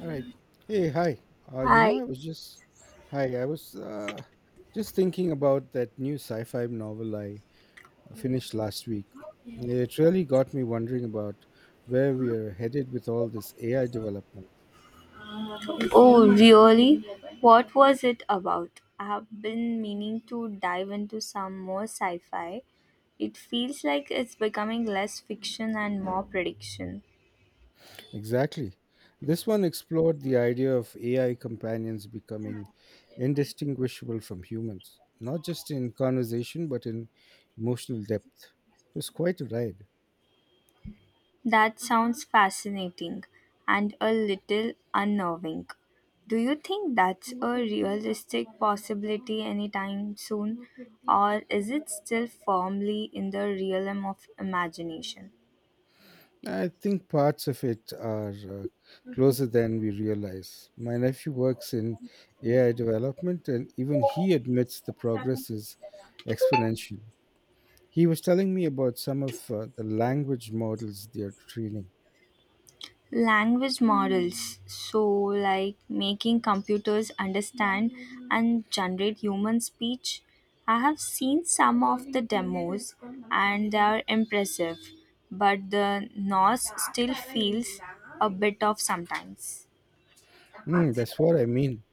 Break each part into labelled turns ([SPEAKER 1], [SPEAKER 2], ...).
[SPEAKER 1] All right. Hey, hi.
[SPEAKER 2] Hi.
[SPEAKER 1] I was just hi. I was just thinking about that new sci-fi novel I finished last week. It really got me wondering about where we are headed with all this AI development.
[SPEAKER 2] Oh, really? What was it about? I have been meaning to dive into some more sci fi. It feels like it's becoming less fiction and more prediction.
[SPEAKER 1] Exactly. This one explored the idea of AI companions becoming indistinguishable from humans, not just in conversation but in emotional depth. It was quite a ride.
[SPEAKER 2] That sounds fascinating and a little unnerving. Do you think that's a realistic possibility anytime soon, or is it still firmly in the realm of imagination?
[SPEAKER 1] I think parts of it are closer than we realize. My nephew works in AI development, and even he admits the progress is exponential. He was telling me about some of the language models they are training.
[SPEAKER 2] Language models, so like making computers understand and generate human speech. I have seen some of the demos, and they are impressive, but the noise still feels a bit off sometimes.
[SPEAKER 1] Mm, that's what I mean.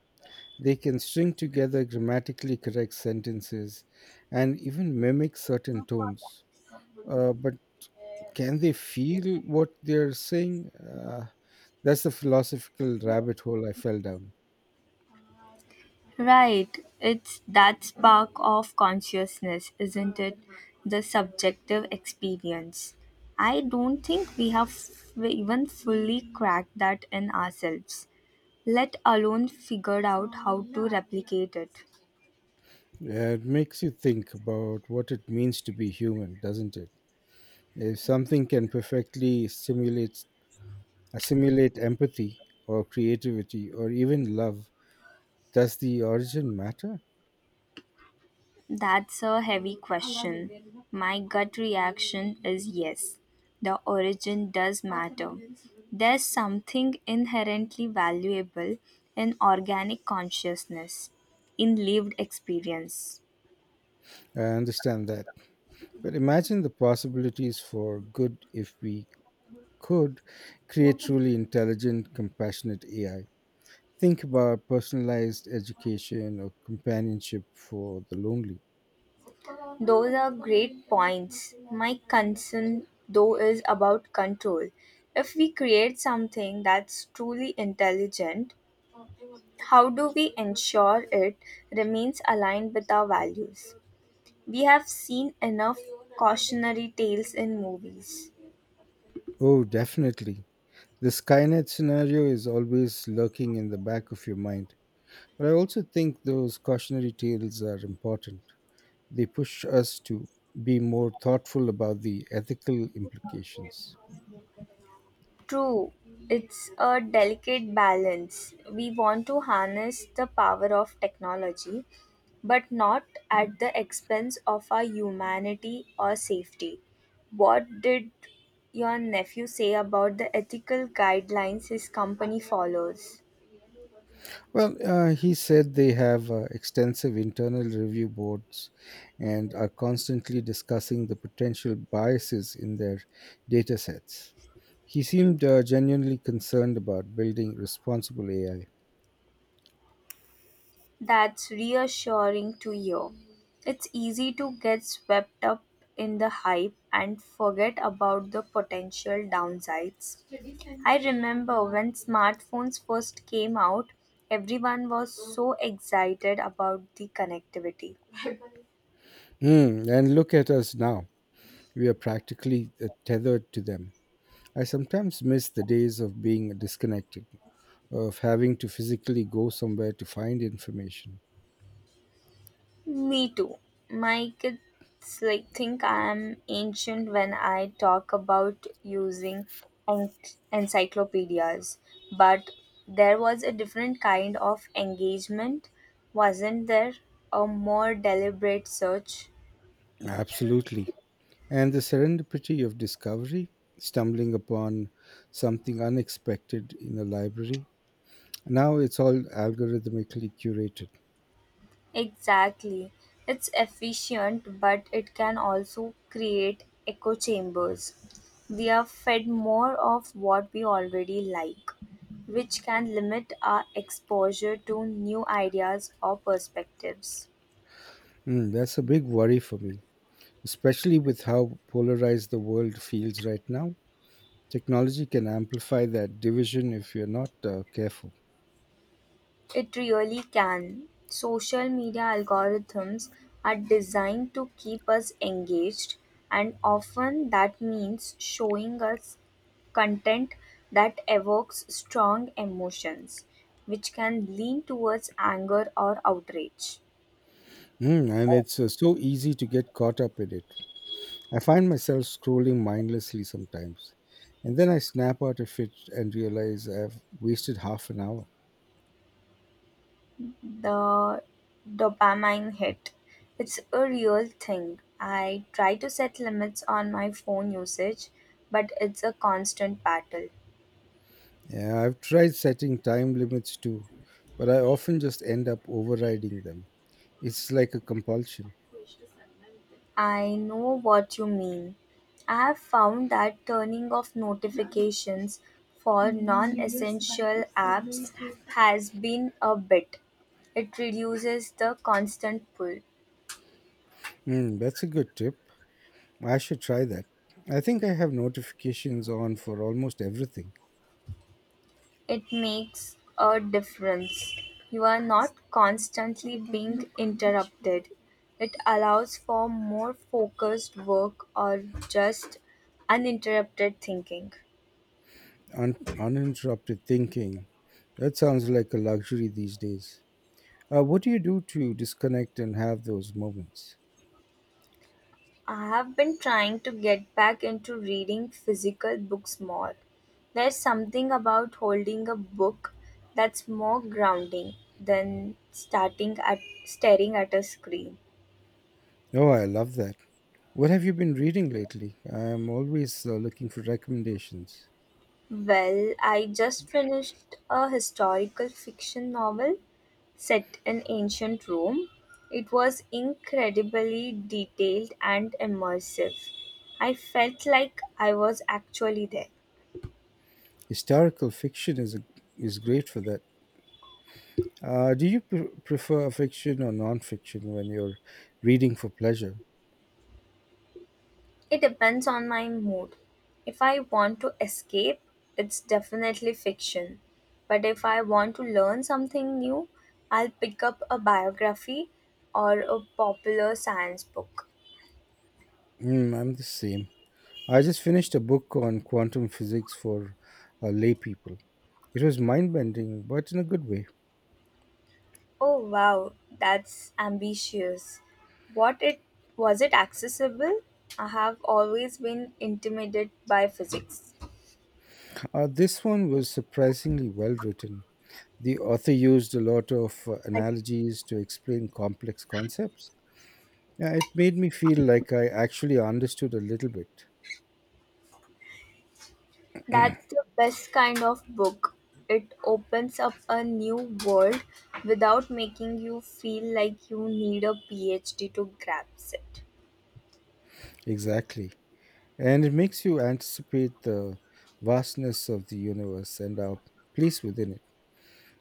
[SPEAKER 1] They can string together grammatically correct sentences and even mimic certain tones. But can they feel what they're saying? That's the philosophical rabbit hole I fell down.
[SPEAKER 2] Right, it's that spark of consciousness, isn't it? The subjective experience. I don't think we have even fully cracked that in ourselves. Let alone figured out how to replicate it?
[SPEAKER 1] Yeah, it makes you think about what it means to be human, doesn't it? If something can perfectly simulate, assimilate empathy or creativity or even love, does the origin matter?
[SPEAKER 2] That's a heavy question. My gut reaction is yes. The origin does matter. There's something inherently valuable in organic consciousness, in lived experience.
[SPEAKER 1] I understand that. But imagine the possibilities for good if we could create truly intelligent, compassionate AI. Think about personalized education or companionship for the lonely.
[SPEAKER 2] Those are great points. My concern, though, is about control. If we create something that's truly intelligent, how do we ensure it remains aligned with our values? We have seen enough cautionary tales in movies.
[SPEAKER 1] Oh, definitely. The Skynet scenario is always lurking in the back of your mind. But I also think those cautionary tales are important. They push us to be more thoughtful about the ethical implications.
[SPEAKER 2] True, it's a delicate balance. We want to harness the power of technology, but not at the expense of our humanity or safety. What did your nephew say about the ethical guidelines his company follows?
[SPEAKER 1] Well, he said they have extensive internal review boards and are constantly discussing the potential biases in their data sets. He seemed genuinely concerned about building responsible AI.
[SPEAKER 2] That's reassuring to hear. It's easy to get swept up in the hype and forget about the potential downsides. I remember when smartphones first came out, everyone was so excited about the connectivity.
[SPEAKER 1] Hmm, and look at us now. We are practically tethered to them. I sometimes miss the days of being disconnected, of having to physically go somewhere to find information.
[SPEAKER 2] Me too. My kids like think I am ancient when I talk about using en- encyclopedias, but there was a different kind of engagement, wasn't there? A more deliberate search.
[SPEAKER 1] Absolutely. And the serendipity of discovery, stumbling upon something unexpected in a library. Now it's all algorithmically curated.
[SPEAKER 2] Exactly. It's efficient, but it can also create echo chambers. We are fed more of what we already like, which can limit our exposure to new ideas or perspectives.
[SPEAKER 1] Mm, that's a big worry for me, especially with how polarized the world feels right now. Technology can amplify that division if you're not careful.
[SPEAKER 2] It really can. Social media algorithms are designed to keep us engaged, and often that means showing us content that evokes strong emotions, which can lean towards anger or outrage.
[SPEAKER 1] Mm, and it's so easy to get caught up in it. I find myself scrolling mindlessly sometimes. And then I snap out of it and realize I've wasted half an hour.
[SPEAKER 2] The dopamine hit. It's a real thing. I try to set limits on my phone usage, but it's a constant battle.
[SPEAKER 1] Yeah, I've tried setting time limits too, but I often just end up overriding them. It's like a compulsion.
[SPEAKER 2] I know what you mean. I have found that turning off notifications for non essential apps has been a bit. It reduces the constant pull.
[SPEAKER 1] Mm, that's a good tip. I should try that. I think I have notifications on for almost everything.
[SPEAKER 2] It makes a difference. You are not constantly being interrupted. It allows for more focused work or just uninterrupted thinking.
[SPEAKER 1] Uninterrupted thinking. That sounds like a luxury these days. What do you do to disconnect and have those moments?
[SPEAKER 2] I have been trying to get back into reading physical books more. There's something about holding a book that's more grounding than starting at staring at a screen.
[SPEAKER 1] Oh, I love that. What have you been reading lately? I'm always looking for recommendations.
[SPEAKER 2] Well, I just finished a historical fiction novel set in ancient Rome. It was incredibly detailed and immersive. I felt like I was actually there.
[SPEAKER 1] Historical fiction is a, is great for that. Do you prefer fiction or non-fiction when you're reading for pleasure?
[SPEAKER 2] It depends on my mood. If I want to escape, it's definitely fiction. But if I want to learn something new, I'll pick up a biography or a popular science book.
[SPEAKER 1] Mm, I'm the same. I just finished a book on quantum physics for lay people. It was mind bending, but in a good way.
[SPEAKER 2] Oh wow, that's ambitious. What it Was it accessible? I have always been intimidated by physics.
[SPEAKER 1] This one was surprisingly well written. The author used a lot of analogies to explain complex concepts. Yeah, it made me feel like I actually understood a little bit.
[SPEAKER 2] That's the best kind of book. It opens up a new world without making you feel like you need a PhD to grasp it.
[SPEAKER 1] Exactly. And it makes you anticipate the vastness of the universe and our place within it.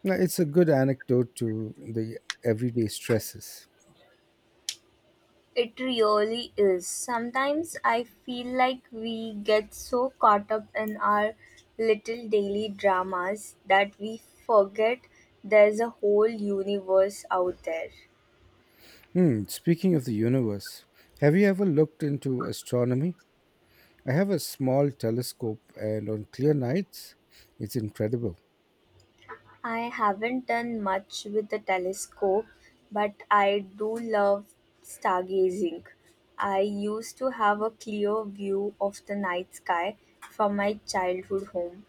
[SPEAKER 1] Now, it's a good anecdote to the everyday stresses.
[SPEAKER 2] It really is. Sometimes I feel like we get so caught up in our little daily dramas that we forget there's a whole universe out there.
[SPEAKER 1] Hmm, speaking of the universe, have you ever looked into astronomy? I have a small telescope, and on clear nights, it's incredible.
[SPEAKER 2] I haven't done much with the telescope, but I do love stargazing. I used to have a clear view of the night sky from my childhood home.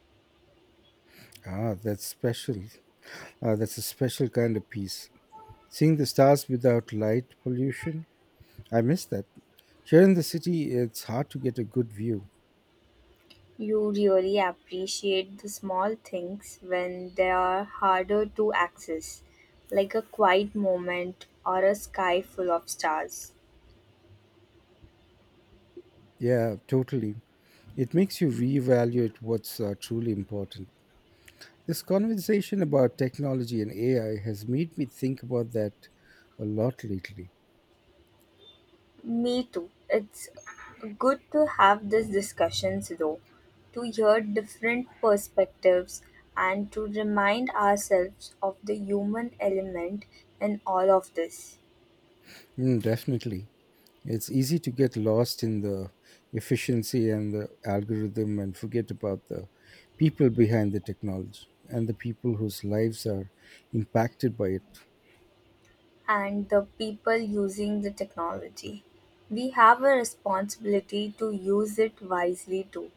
[SPEAKER 1] Ah, that's special. That's a special kind of peace. Seeing the stars without light pollution, I miss that. Here in the city, it's hard to get a good view.
[SPEAKER 2] You really appreciate the small things when they are harder to access, like a quiet moment or a sky full of stars.
[SPEAKER 1] Yeah, totally. It makes you reevaluate what's truly important. This conversation about technology and AI has made me think about that a lot lately.
[SPEAKER 2] Me too. It's good to have these discussions though, to hear different perspectives and to remind ourselves of the human element in all of this.
[SPEAKER 1] Mm, definitely. It's easy to get lost in the efficiency and the algorithm and forget about the people behind the technology and the people whose lives are impacted by it.
[SPEAKER 2] And the people using the technology. We have a responsibility to use it wisely too,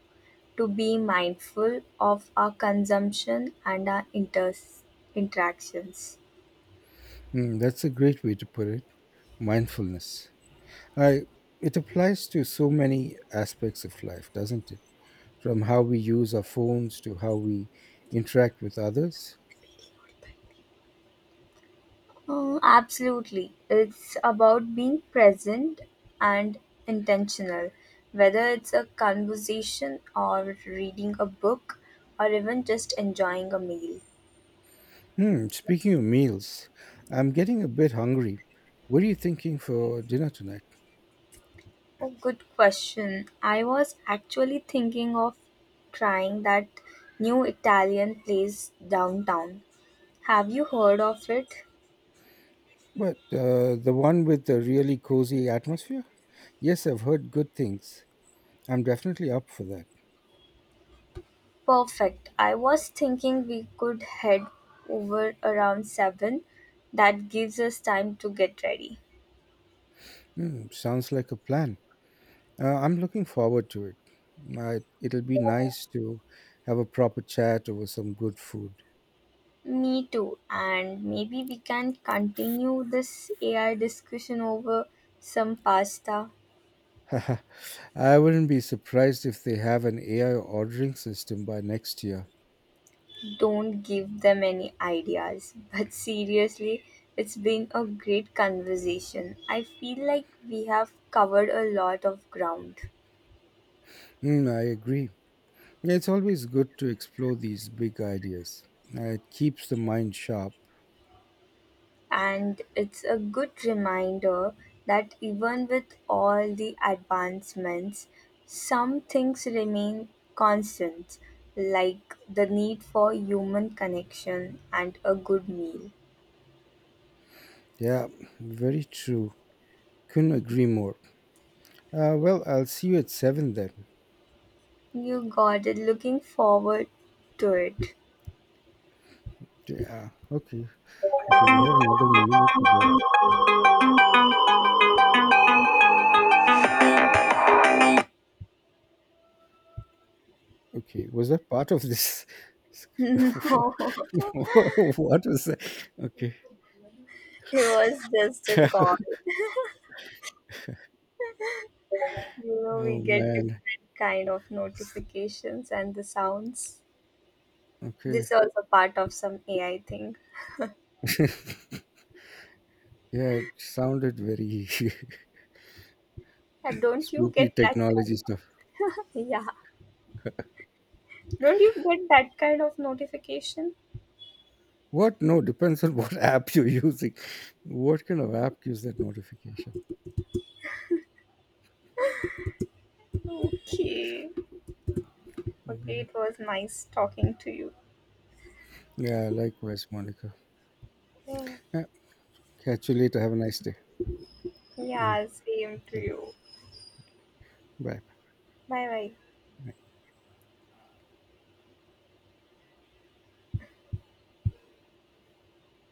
[SPEAKER 2] to be mindful of our consumption and our interactions.
[SPEAKER 1] Mm, that's a great way to put it. Mindfulness. I, it applies to so many aspects of life, doesn't it? From how we use our phones to how we interact with others.
[SPEAKER 2] Oh, absolutely. It's about being present and intentional. Whether it's a conversation or reading a book or even just enjoying a meal.
[SPEAKER 1] Hmm, speaking of meals, I'm getting a bit hungry. What are you thinking for dinner tonight?
[SPEAKER 2] A good question. I was actually thinking of trying that new Italian place downtown. Have you heard of it?
[SPEAKER 1] But the one with the really cozy atmosphere? Yes, I've heard good things. I'm definitely up for that.
[SPEAKER 2] Perfect. I was thinking we could head over around 7. That gives us time to get ready.
[SPEAKER 1] Hmm, sounds like a plan. I'm looking forward to it. It'll be nice to have a proper chat over some good food.
[SPEAKER 2] Me too. And maybe we can continue this AI discussion over some pasta.
[SPEAKER 1] I wouldn't be surprised if they have an AI ordering system by next year.
[SPEAKER 2] Don't give them any ideas. But seriously, it's been a great conversation. I feel like we have covered a lot of ground.
[SPEAKER 1] Hmm, I agree. It's always good to explore these big ideas. It keeps the mind sharp.
[SPEAKER 2] And it's a good reminder that even with all the advancements, some things remain constant, like the need for human connection and a good meal.
[SPEAKER 1] Yeah, very true. Couldn't agree more. Well, I'll see you at seven then.
[SPEAKER 2] You got it, looking forward to it.
[SPEAKER 1] Yeah. Okay. Okay. We have another minute to go. Okay. Was that part of this? What what was that? Okay.
[SPEAKER 2] No, it was just a call. You know, we
[SPEAKER 1] Oh
[SPEAKER 2] get
[SPEAKER 1] man.
[SPEAKER 2] different kind of notifications and the sounds. This
[SPEAKER 1] Okay.
[SPEAKER 2] is also part of some AI thing.
[SPEAKER 1] Yeah, it sounded very
[SPEAKER 2] And don't you
[SPEAKER 1] spooky
[SPEAKER 2] get that?
[SPEAKER 1] technology stuff.
[SPEAKER 2] Yeah. Don't you get that kind of notification?
[SPEAKER 1] What? No, depends on what app you're using. What kind of app gives that notification?
[SPEAKER 2] Okay. Okay,
[SPEAKER 1] Okay.
[SPEAKER 2] it was nice talking to you.
[SPEAKER 1] Yeah, likewise, Monica.
[SPEAKER 2] Yeah.
[SPEAKER 1] Yeah, catch you later. Have a nice day. Mm,
[SPEAKER 2] Yeah, same to
[SPEAKER 1] okay,
[SPEAKER 2] you.
[SPEAKER 1] bye.
[SPEAKER 2] Bye bye.